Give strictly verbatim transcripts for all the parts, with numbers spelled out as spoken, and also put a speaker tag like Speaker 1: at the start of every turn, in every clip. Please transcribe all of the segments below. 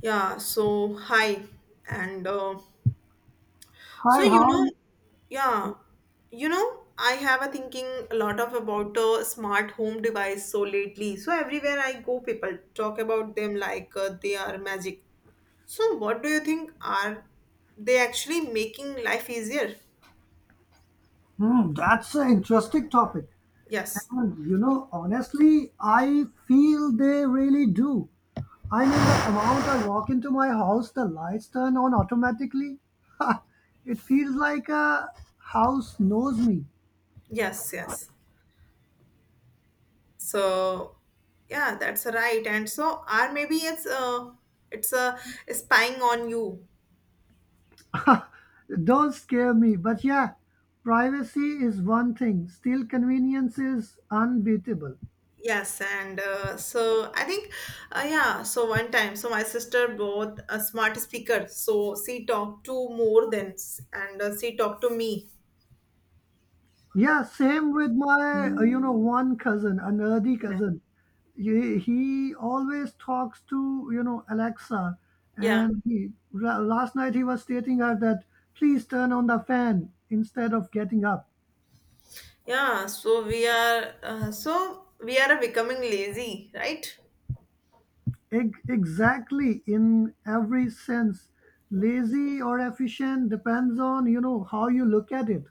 Speaker 1: Yeah, so hi. And uh, so,
Speaker 2: Hi,
Speaker 1: you know,
Speaker 2: hi.
Speaker 1: yeah, you know, I have a thinking a lot of about uh, smart home device so lately. So everywhere I go, people talk about them like uh, they are magic. So what do you think? Are they actually making life easier?
Speaker 2: Hmm, that's an interesting topic.
Speaker 1: Yes,
Speaker 2: And you know, honestly, I feel they really do. I mean, the amount I walk into my house, the lights turn on automatically. It feels like a house knows me.
Speaker 1: yes, yes. So yeah, that's right. And so are maybe it's uh, it's uh, spying on you.
Speaker 2: Don't scare me, but yeah, privacy is one thing. Still, convenience is unbeatable.
Speaker 1: Yes, and uh, so I think, uh, yeah, so one time, so my sister bought a smart speaker. So she talked to more than, s- and uh, she talked to me.
Speaker 2: Yeah, same with my, uh, you know, one cousin, a nerdy
Speaker 1: Yeah,
Speaker 2: cousin. He, he always talks to, you know, Alexa.
Speaker 1: yeah,
Speaker 2: And he, la- last night he was stating her that, please turn on the fan instead of getting up.
Speaker 1: yeah. So we are, uh, so we are becoming lazy, right?
Speaker 2: Eg- exactly in every sense. Lazy or efficient depends on, you know, how you look at it.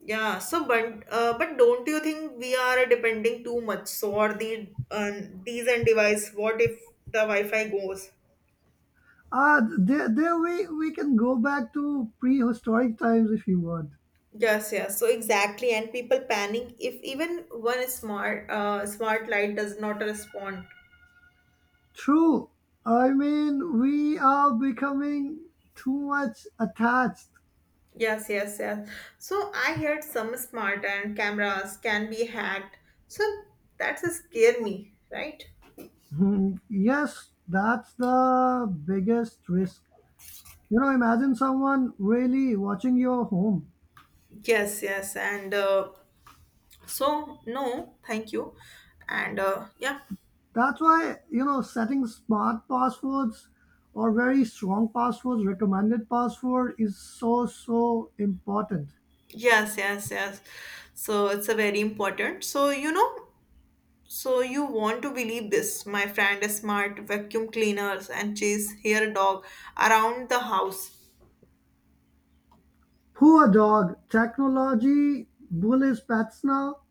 Speaker 1: Yeah. So, but uh, but don't you think we are depending too much? So, or the uh, these and device? What if the Wi-Fi goes?
Speaker 2: Ah, there, there we, we can go back to prehistoric times if you want.
Speaker 1: Yes, yes. So exactly, and people panic if even one smart, uh, smart light does not respond.
Speaker 2: True. I mean, we are becoming too much attached.
Speaker 1: Yes, yes, yes. So I heard some smart and cameras can be hacked. So that's a scare me, right?
Speaker 2: Hmm, yes, that's the biggest risk. You know, imagine someone really watching your home.
Speaker 1: Yes, yes, and uh, so no, thank you, and uh, yeah,
Speaker 2: That's why, you know, setting smart passwords or very strong passwords, recommended password is so, so important.
Speaker 1: yes, yes, yes. So it's a very important. So you know, so you want to believe this? My friend is smart, vacuum cleaners and chase hair dog around the house.
Speaker 2: Poor dog, technology, bullies pets now.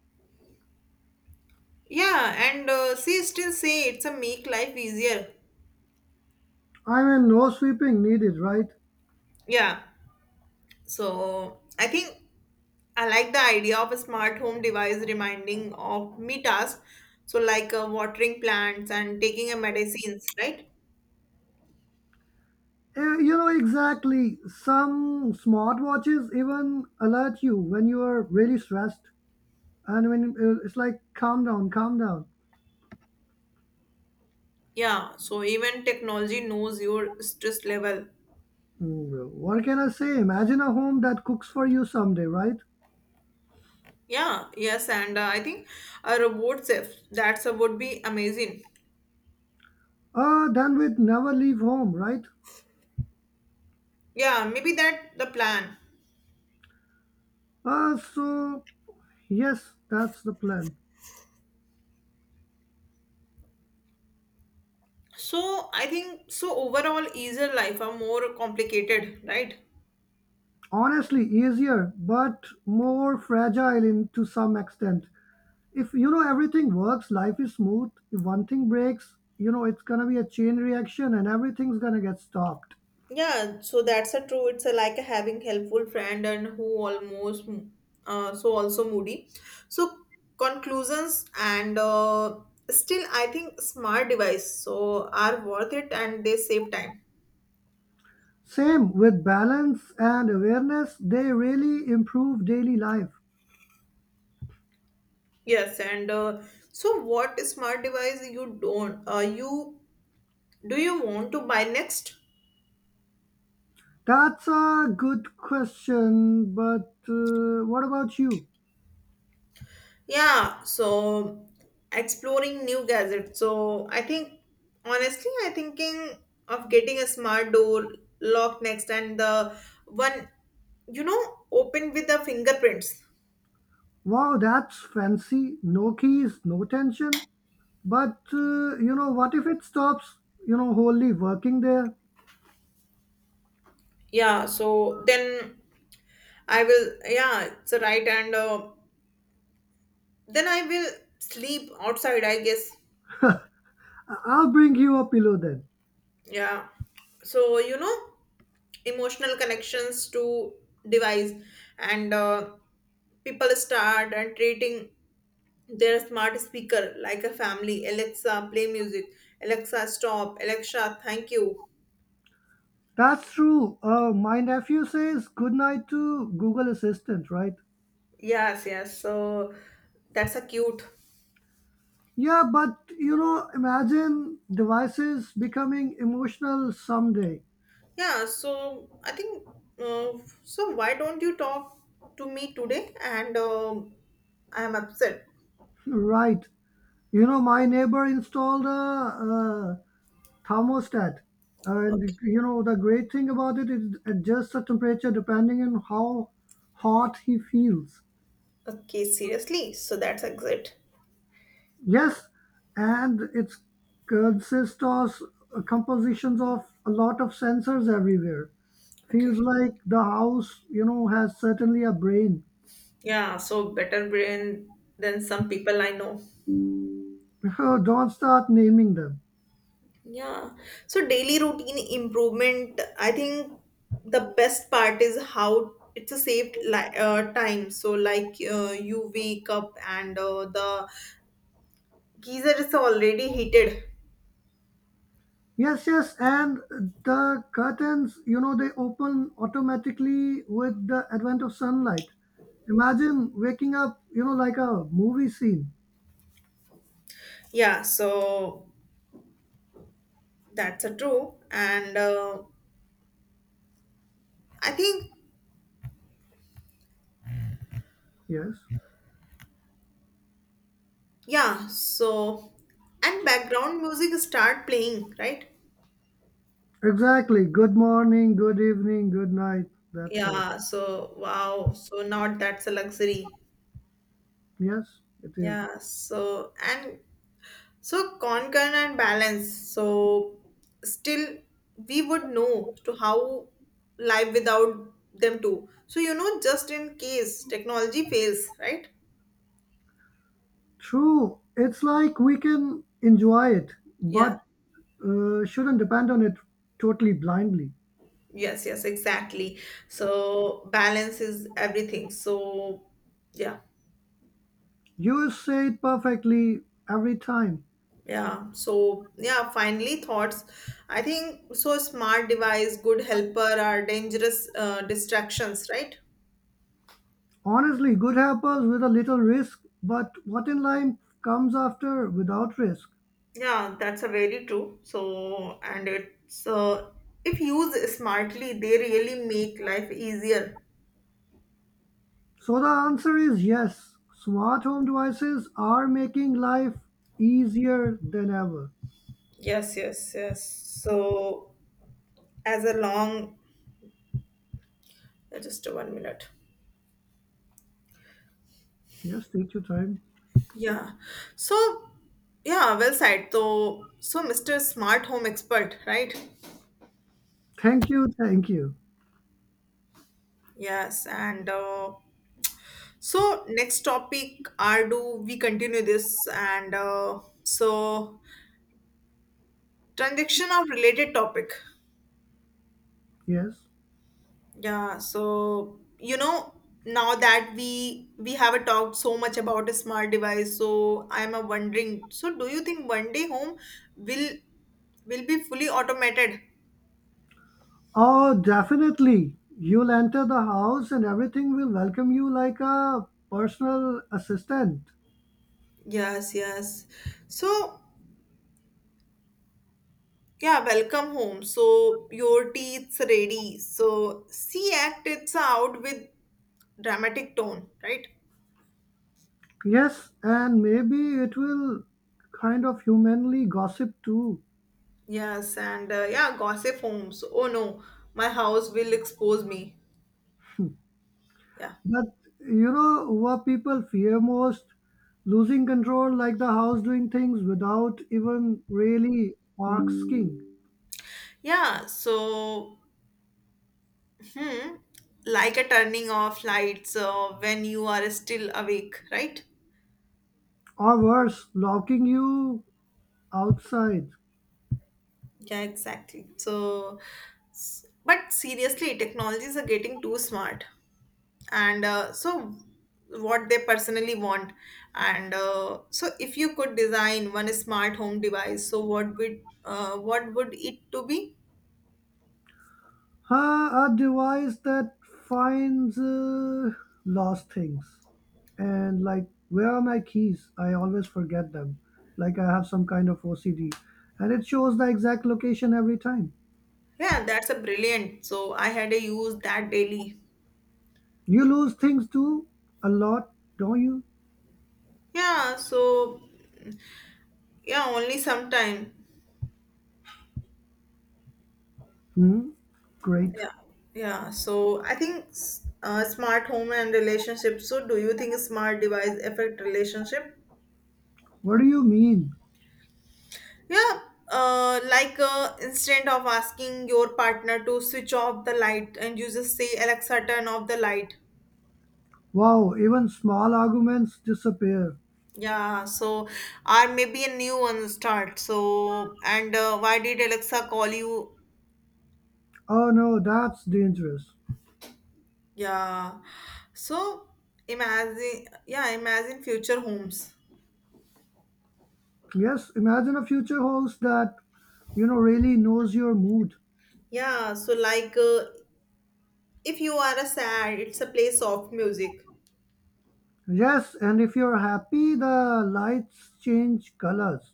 Speaker 1: Yeah, and uh, she still say it's a make life easier.
Speaker 2: I mean, no sweeping needed, right?
Speaker 1: Yeah. So uh, I think I like the idea of a smart home device reminding of me tasks. So like uh, watering plants and taking a medicines, right?
Speaker 2: Eh, you know exactly. Some smartwatches even alert you when you are really stressed, and when uh, it's like, calm down, calm down.
Speaker 1: Yeah. So even technology knows your stress level.
Speaker 2: Mm, what can I say? Imagine a home that cooks for you someday, right?
Speaker 1: Yeah. Yes, and uh, I think a robot chef that's uh, would be amazing.
Speaker 2: Uh, then we'd never leave home, right?
Speaker 1: Yeah, maybe that the plan.
Speaker 2: Uh, so yes, that's the plan.
Speaker 1: So I think so overall easier life are more complicated, right?
Speaker 2: Honestly, easier, but more fragile in to some extent. If you know everything works life is smooth, if one thing breaks you know it's going to be a chain reaction and everything's going to get stopped.
Speaker 1: Yeah, so that's a true. It's a, like having helpful friend and who almost uh, so also moody. So conclusions and uh, still I think smart device so are worth it and they save time.
Speaker 2: Same with balance and awareness, they really improve daily life.
Speaker 1: Yes, and uh, so what smart device you don't uh, you do you want to buy next?
Speaker 2: That's a good question, but uh, what about you?
Speaker 1: Yeah, so exploring new gadgets. So I think honestly, I thinking of getting a smart door lock next and the one you know open with the fingerprints.
Speaker 2: Wow, that's fancy. No keys, no tension. But uh, you know, what if it stops, you know, wholly working there?
Speaker 1: Yeah, so then I will yeah, it's a right and uh, then I will sleep outside, I guess.
Speaker 2: I- I'll bring you a pillow then.
Speaker 1: Yeah. So you know emotional connections to device and uh, people start and treating their smart speaker, like a family, Alexa, play music, Alexa, stop, Alexa, thank you.
Speaker 2: That's true. Uh, my nephew says goodnight to Google Assistant, right?
Speaker 1: Yes, yes. So that's a cute.
Speaker 2: Yeah, but you know, imagine devices becoming emotional someday.
Speaker 1: Yeah, so I think, uh, so why don't you talk to me today? And um, I am upset.
Speaker 2: Right? You know, my neighbor installed a, uh thermostat,
Speaker 1: Okay.
Speaker 2: and you know, the great thing about it is it adjusts the temperature depending on how hot he feels.
Speaker 1: Okay, seriously. So that's exit.
Speaker 2: Yes, and it's consists of uh, compositions of a lot of sensors everywhere. Feels
Speaker 1: Okay.
Speaker 2: like the house, you know, has certainly a brain.
Speaker 1: Yeah, so better brain than some people I know.
Speaker 2: Oh, don't start naming them.
Speaker 1: Yeah. So daily routine improvement, I think the best part is how it's a saved li- uh, time. So like uh, you wake up and uh, the geyser is already heated.
Speaker 2: Yes, yes, and the curtains, you know, they open automatically with the advent of sunlight. Imagine waking up, you know, like a movie scene.
Speaker 1: Yeah, so that's a true. And uh, I think
Speaker 2: Yes,
Speaker 1: yeah, so and background music start playing, right?
Speaker 2: exactly. Good morning, good evening, good night. That's all.
Speaker 1: Yeah, so wow. So now that's a luxury.
Speaker 2: Yes, it is.
Speaker 1: Yeah, so and so conquer and balance. So still we would know to how live without them too. So you know, just in case technology fails, right?
Speaker 2: True. It's like we can enjoy it,
Speaker 1: Yeah.
Speaker 2: but uh, shouldn't depend on it totally blindly.
Speaker 1: Yes, yes, exactly. So balance is everything. So yeah,
Speaker 2: You say it perfectly every time.
Speaker 1: yeah. So yeah, finally thoughts. I think so smart device, good helper are dangerous uh, distractions, right?
Speaker 2: Honestly, good happens with a little risk, but what in life comes after without risk?
Speaker 1: Yeah, that's a very true. So, and it's uh, if used smartly, they really make life easier.
Speaker 2: So the answer is yes. Smart home devices are making life easier than ever.
Speaker 1: Yes, yes, yes. So, as a long, just one minute.
Speaker 2: Yes, take your time.
Speaker 1: Yeah. So, yeah, well said. So, so mister Smart Home Expert, right?
Speaker 2: Thank you, thank you.
Speaker 1: Yes. And uh, so, next topic are do we continue this? And uh, so, transaction of related topic.
Speaker 2: Yes.
Speaker 1: Yeah, so you know, now that we we have a talked so much about a smart device, so I'm a wondering, so do you think one day home will will be fully automated?
Speaker 2: Oh, definitely. You'll enter the house and everything will welcome you like a personal assistant.
Speaker 1: Yes, yes. So yeah, welcome home. So your tea's ready. So see act it's out with dramatic tone, right?
Speaker 2: Yes, and maybe it will kind of humanly gossip too.
Speaker 1: Yes, and uh, yeah, gossip homes. Oh no, my house will expose me. Yeah.
Speaker 2: But you know what people fear most? Losing control, like the house doing things without even really asking.
Speaker 1: Yeah, so Hmm. Like a turning off lights uh, when you are still awake, right?
Speaker 2: Or worse, locking you outside.
Speaker 1: Yeah, exactly. So, s- but seriously, technologies are getting too smart, and uh, so what they personally want, and uh, so if you could design one smart home device, so what would uh, what would it to be?
Speaker 2: Uh, a device that finds uh, lost things. And like, where are my keys? I always forget them. Like, I have some kind of O C D. And it shows the exact location every time.
Speaker 1: Yeah, that's a brilliant. So I had a use that daily.
Speaker 2: You lose things too a lot, don't you?
Speaker 1: Yeah, so yeah, only sometime.
Speaker 2: Hmm? Great.
Speaker 1: Yeah, yeah. So I think s- uh, smart home and relationship. So do you think smart device affect relationship?
Speaker 2: What do you mean?
Speaker 1: Yeah. Uh, like uh, instead of asking your partner to switch off the light, and you just say Alexa, turn off the light.
Speaker 2: Wow, even small arguments disappear.
Speaker 1: Yeah. So or maybe a new one start. So and uh, why did Alexa call you?
Speaker 2: Oh no, that's dangerous.
Speaker 1: Yeah. So imagine, yeah, imagine future homes.
Speaker 2: Yes, imagine a future host that, you know, really knows your mood.
Speaker 1: Yeah, so like uh, if you are a sad it's a play soft music.
Speaker 2: Yes, and if you're happy, the lights change colors.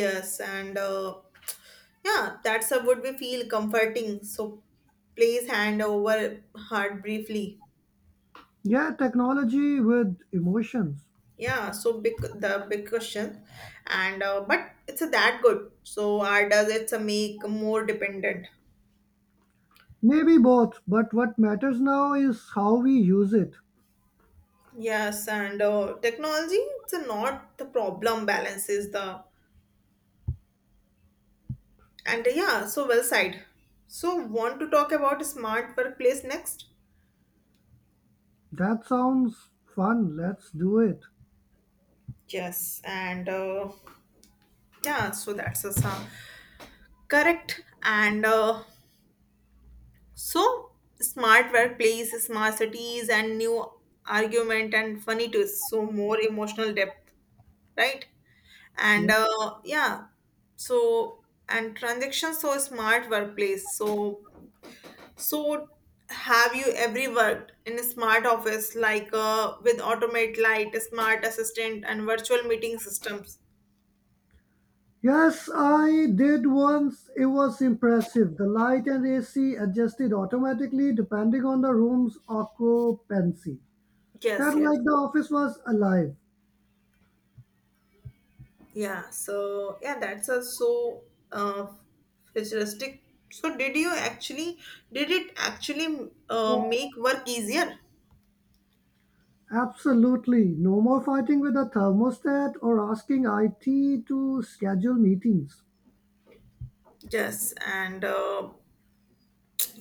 Speaker 1: Yes and uh, yeah that's a would be feel comforting so place hand over heart briefly.
Speaker 2: Yeah, technology with emotions.
Speaker 1: Yeah so big the big question and uh, but it's a that good so are does it's a make more dependent.
Speaker 2: Maybe both, but what matters now is how we use it.
Speaker 1: Yes and uh, technology it's a not the problem. Balance is the and uh, yeah so well side so want to talk about smart workplace next.
Speaker 2: That sounds fun. Let's do it.
Speaker 1: Yes and uh, yeah, so that's a sum. Correct. And uh, so smart workplace, smart cities, and new argument and funny twists. So more emotional depth, right? And
Speaker 2: Yeah.
Speaker 1: uh, yeah, so and transaction so smart workplace. So so have you ever worked in a smart office like uh, with automate light, smart assistant, and virtual meeting systems?
Speaker 2: Yes, I did once. It was impressive. The light and A C adjusted automatically depending on the room's occupancy.
Speaker 1: Yes,
Speaker 2: Felt
Speaker 1: yes.
Speaker 2: like the office was alive.
Speaker 1: Yeah, so yeah, that's also uh, futuristic. So did you actually did it actually uh, make work easier?
Speaker 2: Absolutely. No more fighting with a thermostat or asking I T to schedule meetings.
Speaker 1: Yes, and uh,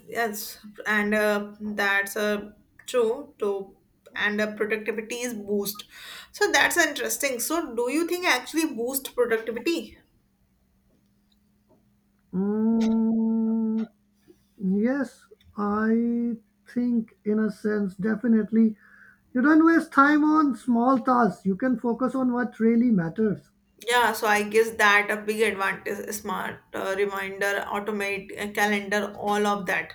Speaker 1: yes, and uh, that's uh, true too. And uh, productivity is boost. So that's interesting. So do you think actually boost productivity?
Speaker 2: Mm, yes, I think, in a sense, definitely. You don't waste time on small tasks, you can focus on what really matters.
Speaker 1: Yeah, so I guess that a big advantage, smart uh, reminder, automate uh, calendar, all of that.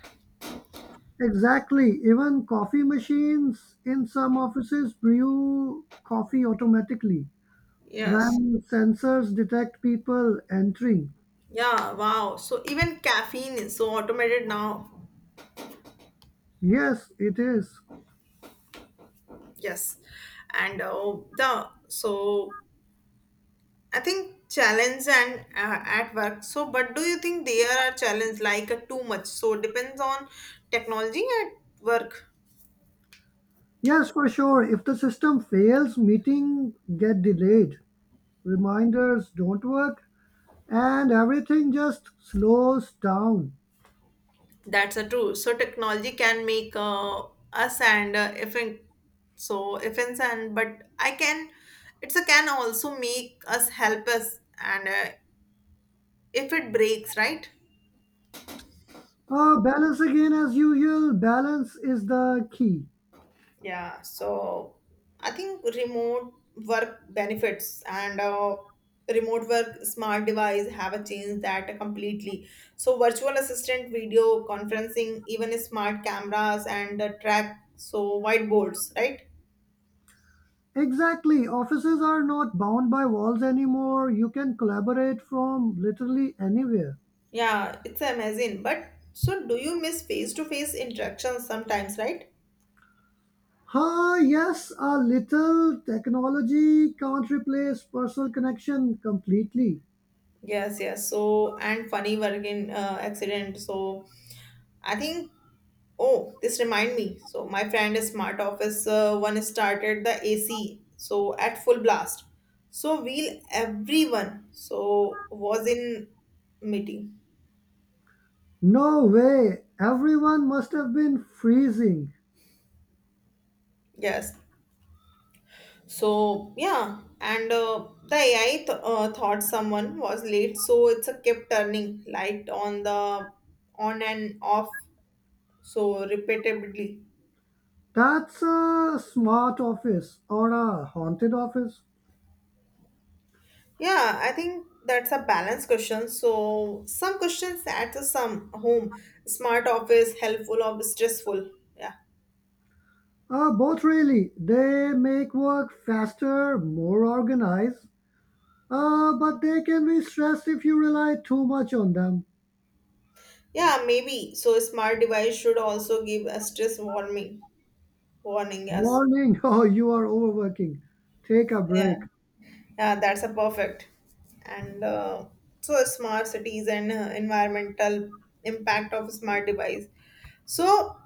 Speaker 2: Exactly. Even coffee machines in some offices brew coffee automatically
Speaker 1: Yes.
Speaker 2: when sensors detect people entering.
Speaker 1: Yeah, wow. So even caffeine is so automated now.
Speaker 2: Yes, it is.
Speaker 1: Yes. And uh, the so I think challenge and uh, at work. So, but do you think there are challenge like uh, too much? So depends on technology at work.
Speaker 2: Yes, for sure. If the system fails, meeting get delayed, reminders don't work, and everything just slows down.
Speaker 1: That's a true. So technology can make uh, us and uh, if in, so if and and but I can it's a can also make us help us and uh, if it breaks, right?
Speaker 2: Uh, balance again as usual. Balance is the key.
Speaker 1: Yeah, so I think remote work benefits and uh, remote work smart device have a change that completely. So virtual assistant, video conferencing, even smart cameras and uh, track so whiteboards, right?
Speaker 2: Exactly. Offices are not bound by walls anymore. You can collaborate from literally anywhere.
Speaker 1: Yeah, it's amazing. But so do you miss face-to-face interactions sometimes, right?
Speaker 2: Huh, yes, a little technology can't replace personal connection completely.
Speaker 1: Yes, yes. So and funny working uh, accident. So I think oh, this remind me. So my friend is smart office uh, one started the A C so at full blast. So we'll everyone so was in meeting.
Speaker 2: No way. Everyone must have been freezing.
Speaker 1: Yes. So yeah, and uh, the A I th- uh, thought someone was late, so it's a kept turning light on the on and off so repeatedly.
Speaker 2: That's a smart office or a haunted office.
Speaker 1: Yeah, I think that's a balanced question. So some questions at some home, smart office, helpful or stressful. Yeah.
Speaker 2: Uh, both really. They make work faster, more organized, uh, but they can be stressed if you rely too much on them.
Speaker 1: Yeah, maybe. So smart device should also give a stress warning. Warning, yes.
Speaker 2: Warning, oh, you are overworking. Take a
Speaker 1: Yeah.
Speaker 2: break.
Speaker 1: Yeah, that's a perfect. And uh, so smart cities and uh, environmental impact of smart device. So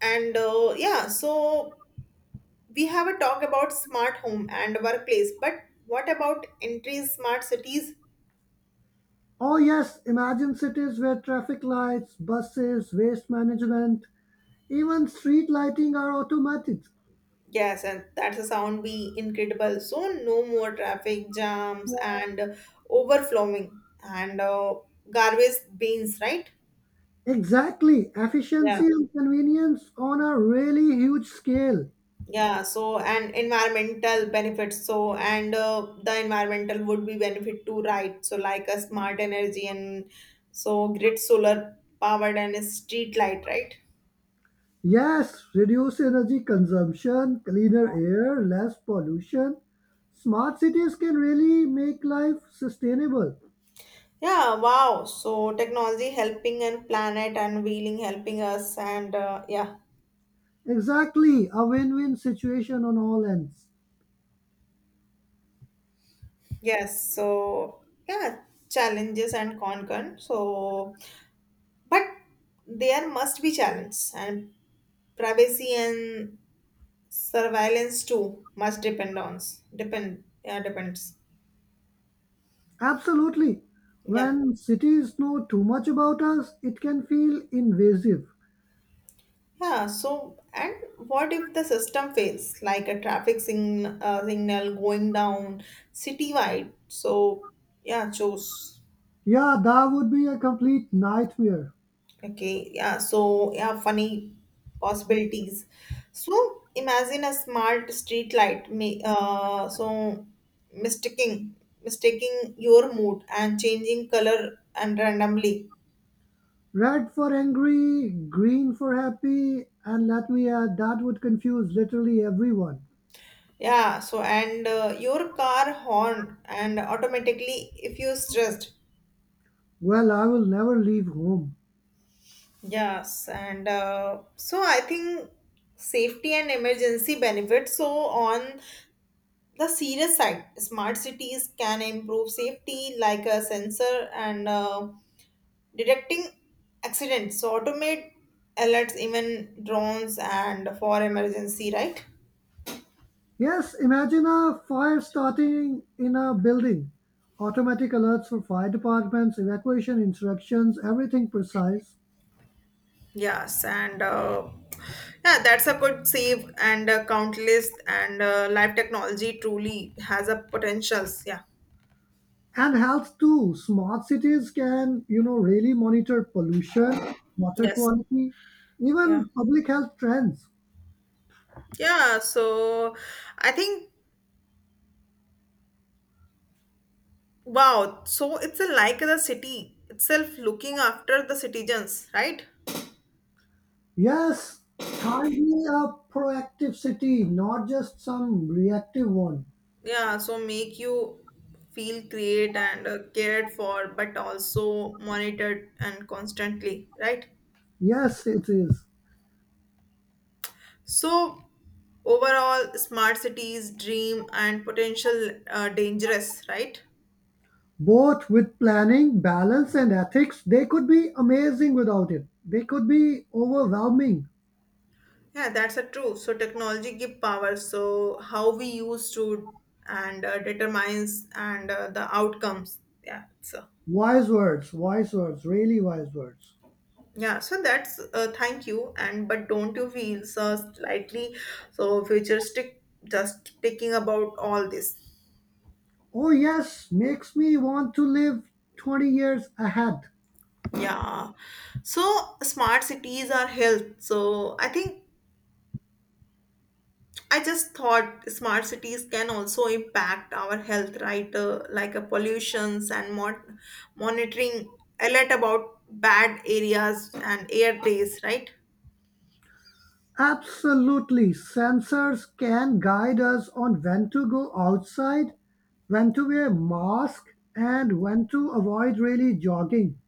Speaker 1: and uh, yeah, so we have a talk about smart home and workplace, but what about entries smart cities?
Speaker 2: Oh, yes, imagine cities where traffic lights, buses, waste management, even street lighting are automatic.
Speaker 1: Yes, and that's a sound be incredible. So no more traffic jams and overflowing and uh, garbage bins, right?
Speaker 2: Exactly,
Speaker 1: Yeah.
Speaker 2: efficiency and convenience on a really huge scale.
Speaker 1: Yeah, so and environmental benefits. So and uh, the environmental would be benefit too, right? So like a smart energy and so grid solar powered and a street light, right?
Speaker 2: Yes, reduce energy consumption, cleaner air, less pollution. Smart cities can really make life sustainable.
Speaker 1: Yeah, wow. So technology helping and planet unveiling helping us and uh, yeah.
Speaker 2: Exactly, a win win situation on all ends.
Speaker 1: Yes. So yeah, challenges and concern. So but there must be challenge and privacy and surveillance too must depend on depend yeah depends.
Speaker 2: Absolutely.
Speaker 1: Yeah.
Speaker 2: When cities know too much about us, it can feel invasive.
Speaker 1: Yeah, so and what if the system fails, like a traffic sing uh, signal going down citywide? So, yeah, choose.
Speaker 2: Yeah, that would be a complete nightmare.
Speaker 1: Okay, yeah, so yeah, funny possibilities. So imagine a smart street light, may, uh, so mistaking mistaking your mood and changing color and randomly.
Speaker 2: Red for angry, green for happy, and let me add, that would confuse literally everyone.
Speaker 1: Yeah, so and uh, your car horn and automatically if you're stressed.
Speaker 2: Well, I will never leave home.
Speaker 1: Yes, and uh, so I think safety and emergency benefits. So on the serious side smart cities can improve safety like a sensor and uh, detecting accidents so automate alerts even drones and for emergency right.
Speaker 2: Yes, imagine a fire starting in a building. Automatic alerts for fire departments, evacuation instructions, everything precise.
Speaker 1: Yes and uh, yeah that's a good save and uh, countless and uh, life technology truly has a potentials yeah.
Speaker 2: And health too. Smart cities can, you know, really monitor pollution, water
Speaker 1: Yes
Speaker 2: quality,
Speaker 1: yeah
Speaker 2: even public health trends.
Speaker 1: yeah so I think wow, so it's a, like the city itself looking after the citizens, right?
Speaker 2: Yes, kindly a proactive city, not just some reactive one.
Speaker 1: Yeah, so make you feel great and uh, cared for, but also monitored and constantly, right?
Speaker 2: Yes, it is.
Speaker 1: So overall, smart cities dream and potential uh, dangerous, right?
Speaker 2: Both with planning, balance and ethics, they could be amazing without it. They could be overwhelming.
Speaker 1: Yeah, that's a true. So technology give power. So how we use to and uh, determines and uh, the outcomes. Yeah, so.
Speaker 2: Wise words, wise words, really wise words.
Speaker 1: Yeah, so that's uh, thank you. And but don't you feel so slightly so futuristic just thinking about all this?
Speaker 2: Oh, yes, makes me want to live twenty years ahead.
Speaker 1: Yeah. So smart cities are health. So I think I just thought smart cities can also impact our health, right? Uh, like a pollutions and mon monitoring alert about bad areas and air days, right?
Speaker 2: Absolutely, sensors can guide us on when to go outside, when to wear mask, and when to avoid really jogging.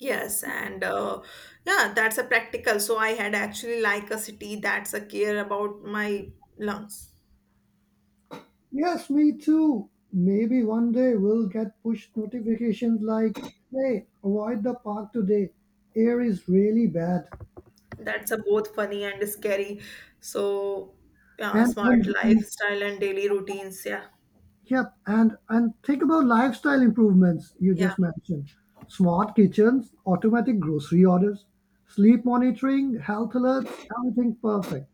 Speaker 1: Yes, and uh, yeah, that's a practical. So I had actually like a city that's a care about my lungs.
Speaker 2: Yes, me too. Maybe one day we'll get push notifications like, hey, avoid the park today. Air is really bad.
Speaker 1: That's a both funny and scary. So yeah,
Speaker 2: And,
Speaker 1: smart
Speaker 2: and
Speaker 1: lifestyle and daily routines. Yeah,
Speaker 2: yep, and and think about lifestyle improvements you
Speaker 1: yeah,
Speaker 2: just mentioned. Smart kitchens, automatic grocery orders, sleep monitoring, health alerts, everything perfect.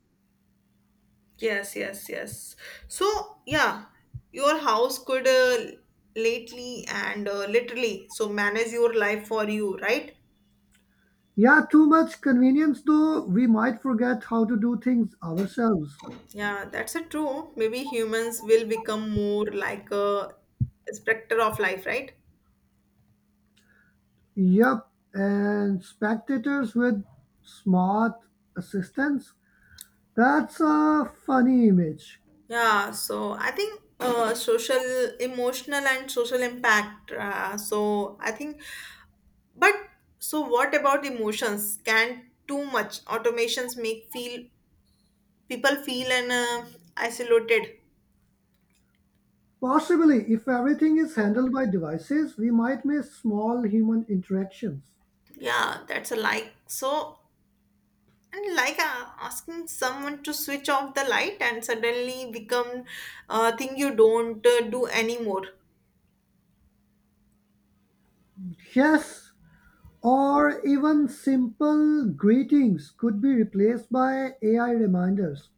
Speaker 1: yes, yes, yes. So yeah, your house could uh, lately and uh, literally so manage your life for you, right?
Speaker 2: Yeah, too much convenience though, we might forget how to do things ourselves.
Speaker 1: Yeah, that's a true. Maybe humans will become more like a specter of life, right?
Speaker 2: Yup, and spectators with smart assistants. That's a funny image.
Speaker 1: Yeah, so I think uh, social, emotional, and social impact. Uh, so I think, but so what about emotions? Can too much automations make feel people feel and uh, isolated?
Speaker 2: Possibly, if everything is handled by devices, we might miss small human interactions.
Speaker 1: Yeah, that's a like. So and like uh, asking someone to switch off the light and suddenly become a thing you don't uh, do anymore.
Speaker 2: Yes, or even simple greetings could be replaced by A I reminders.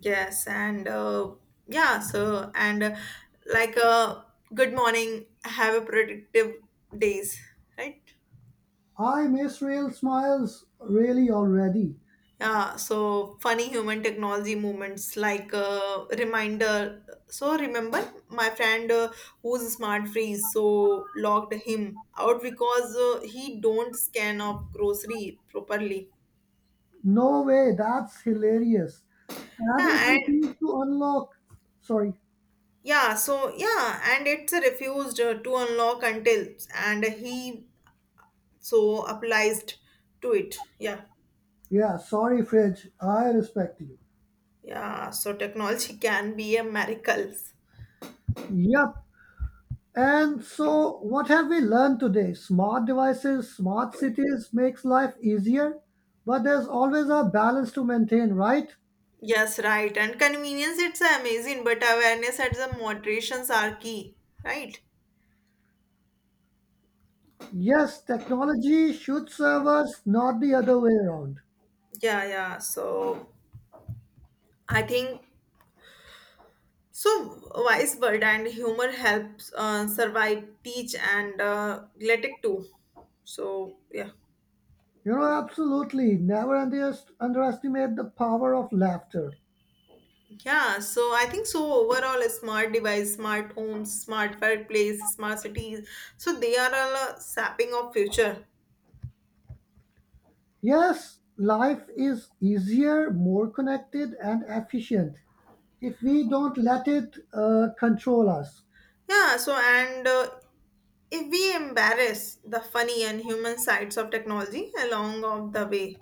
Speaker 1: Yes, and uh, yeah, so and uh, like uh, good morning, have a productive days, right?
Speaker 2: I miss real smiles really already.
Speaker 1: Yeah, so funny human technology moments like uh, reminder. So remember my friend uh, who's smart freeze, so logged him out because uh, he don't scan of grocery properly.
Speaker 2: No way, that's hilarious. And it
Speaker 1: Yeah, and
Speaker 2: refused to unlock. Sorry.
Speaker 1: yeah, so yeah, and it's uh, refused uh, to unlock until and he so applied to it, yeah,
Speaker 2: Yeah, sorry, Fridge. I respect you.
Speaker 1: yeah, so technology can be a miracle.
Speaker 2: Yep. And so, what have we learned today? Smart devices, smart cities makes life easier, but there's always a balance to maintain, right?
Speaker 1: Yes, right, and convenience it's amazing, but awareness and the moderations are key, right?
Speaker 2: Yes, technology should serve us, not the other way around.
Speaker 1: Yeah, yeah, so I think so wise word and humor helps uh, survive teach and uh, let it too, so yeah.
Speaker 2: You know, absolutely. Never under- underestimate the power of laughter.
Speaker 1: Yeah, so I think so overall a smart device, smart homes, smart workplace, smart cities. So they are all a sapping of future.
Speaker 2: Yes, life is easier, more connected, and efficient if we don't let it uh, control us.
Speaker 1: Yeah, so and uh, if we embarrass the funny and human sides of technology along of the way.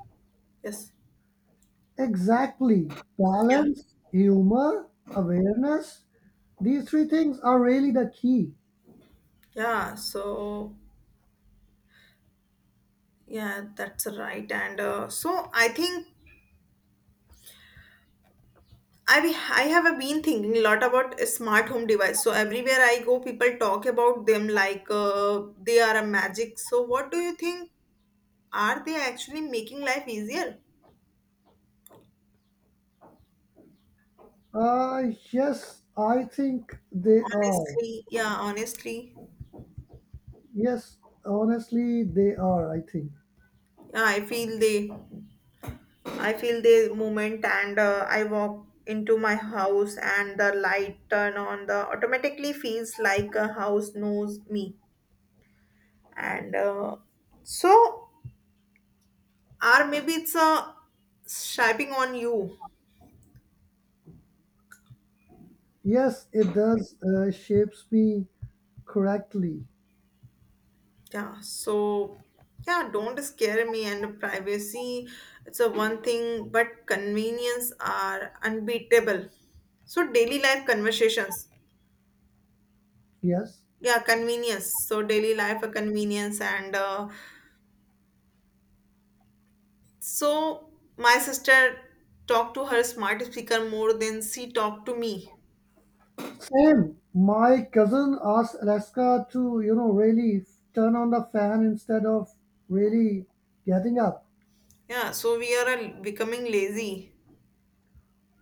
Speaker 1: Yes.
Speaker 2: Exactly.
Speaker 1: Yeah.
Speaker 2: Balance, humor, awareness. These three things are really the key.
Speaker 1: Yeah, so yeah, that's right. And uh, so I think I be- I have been thinking a lot about a smart home device. So everywhere I go, people talk about them like uh, they are a magic. So what do you think? Are they actually making life easier?
Speaker 2: Uh, yes, I think they are.
Speaker 1: Honestly, yeah, honestly,
Speaker 2: Yes, honestly, they are, I think.
Speaker 1: yeah, I feel they, I feel the moment, and uh, I walk into my house, and the light turn on. The automatically feels like a house knows me, and uh, so, or maybe it's a shaping on you.
Speaker 2: Yes, it does uh, shapes me correctly.
Speaker 1: Yeah, so yeah, don't scare me and privacy. It's a one thing, but convenience are unbeatable. So daily life conversations.
Speaker 2: Yes.
Speaker 1: Yeah, convenience. So daily life a convenience and uh, so my sister talked to her smart speaker more than she talked to me.
Speaker 2: Same. My cousin asked Alaska to, you know, really turn on the fan instead of really getting up.
Speaker 1: Yeah, so we are uh, becoming lazy.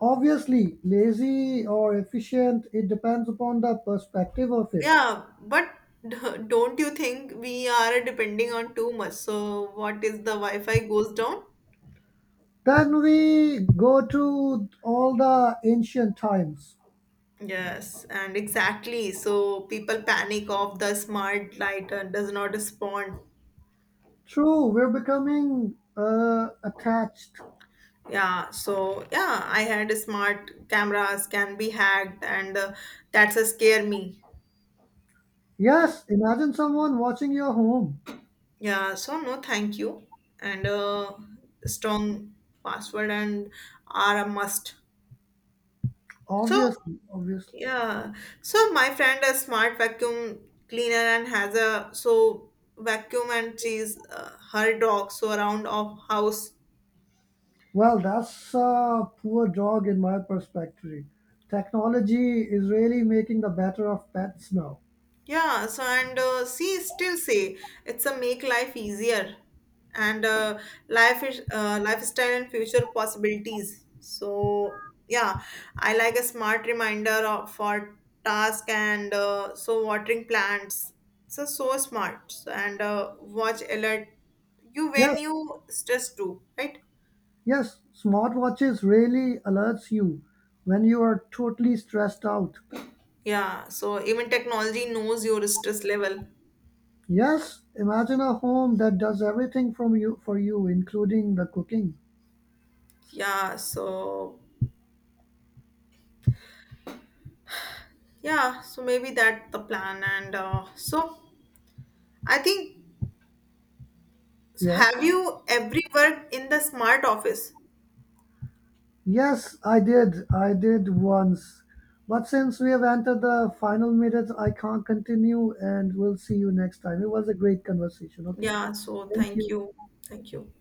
Speaker 2: Obviously, lazy or efficient, it depends upon the perspective of it.
Speaker 1: Yeah, but d- don't you think we are depending on too much? So what is the Wi-Fi goes down?
Speaker 2: Then we go to all the ancient times.
Speaker 1: Yes, and exactly. So people panic of the smart light uh, does not respond.
Speaker 2: True, we're becoming uh, attached.
Speaker 1: Yeah, so yeah, I had smart cameras can be hacked, and uh, that's a scare me.
Speaker 2: Yes, imagine someone watching your home.
Speaker 1: Yeah, so no, thank you. And uh, strong password and are a must. So
Speaker 2: Obviously, obviously.
Speaker 1: yeah, so my friend a smart vacuum cleaner and has a so vacuum and she's uh, her dog so around of house.
Speaker 2: Well, that's a poor dog in my perspective. Technology is really making the better of pets now.
Speaker 1: Yeah, so and uh, see, still say it's a make life easier and uh, life is uh, lifestyle and future possibilities. So yeah, I like a smart reminder of, for task and uh, so watering plants. So so smart So, and uh, watch alert you
Speaker 2: Yes,
Speaker 1: when you stress too, right?
Speaker 2: yes, smartwatches really alerts you when you are totally stressed out.
Speaker 1: Yeah, so even technology knows your stress level.
Speaker 2: Yes, imagine a home that does everything from you for you, including the cooking.
Speaker 1: Yeah, so yeah, so maybe that the plan and uh, so I think
Speaker 2: Yes.
Speaker 1: have you ever worked in the smart office?
Speaker 2: Yes, I did. I did once. But since we have entered the final minutes, I can't continue and we'll see you next time. It was a great conversation, okay?
Speaker 1: Yeah, so
Speaker 2: Thank
Speaker 1: thank
Speaker 2: you.
Speaker 1: you. Thank you.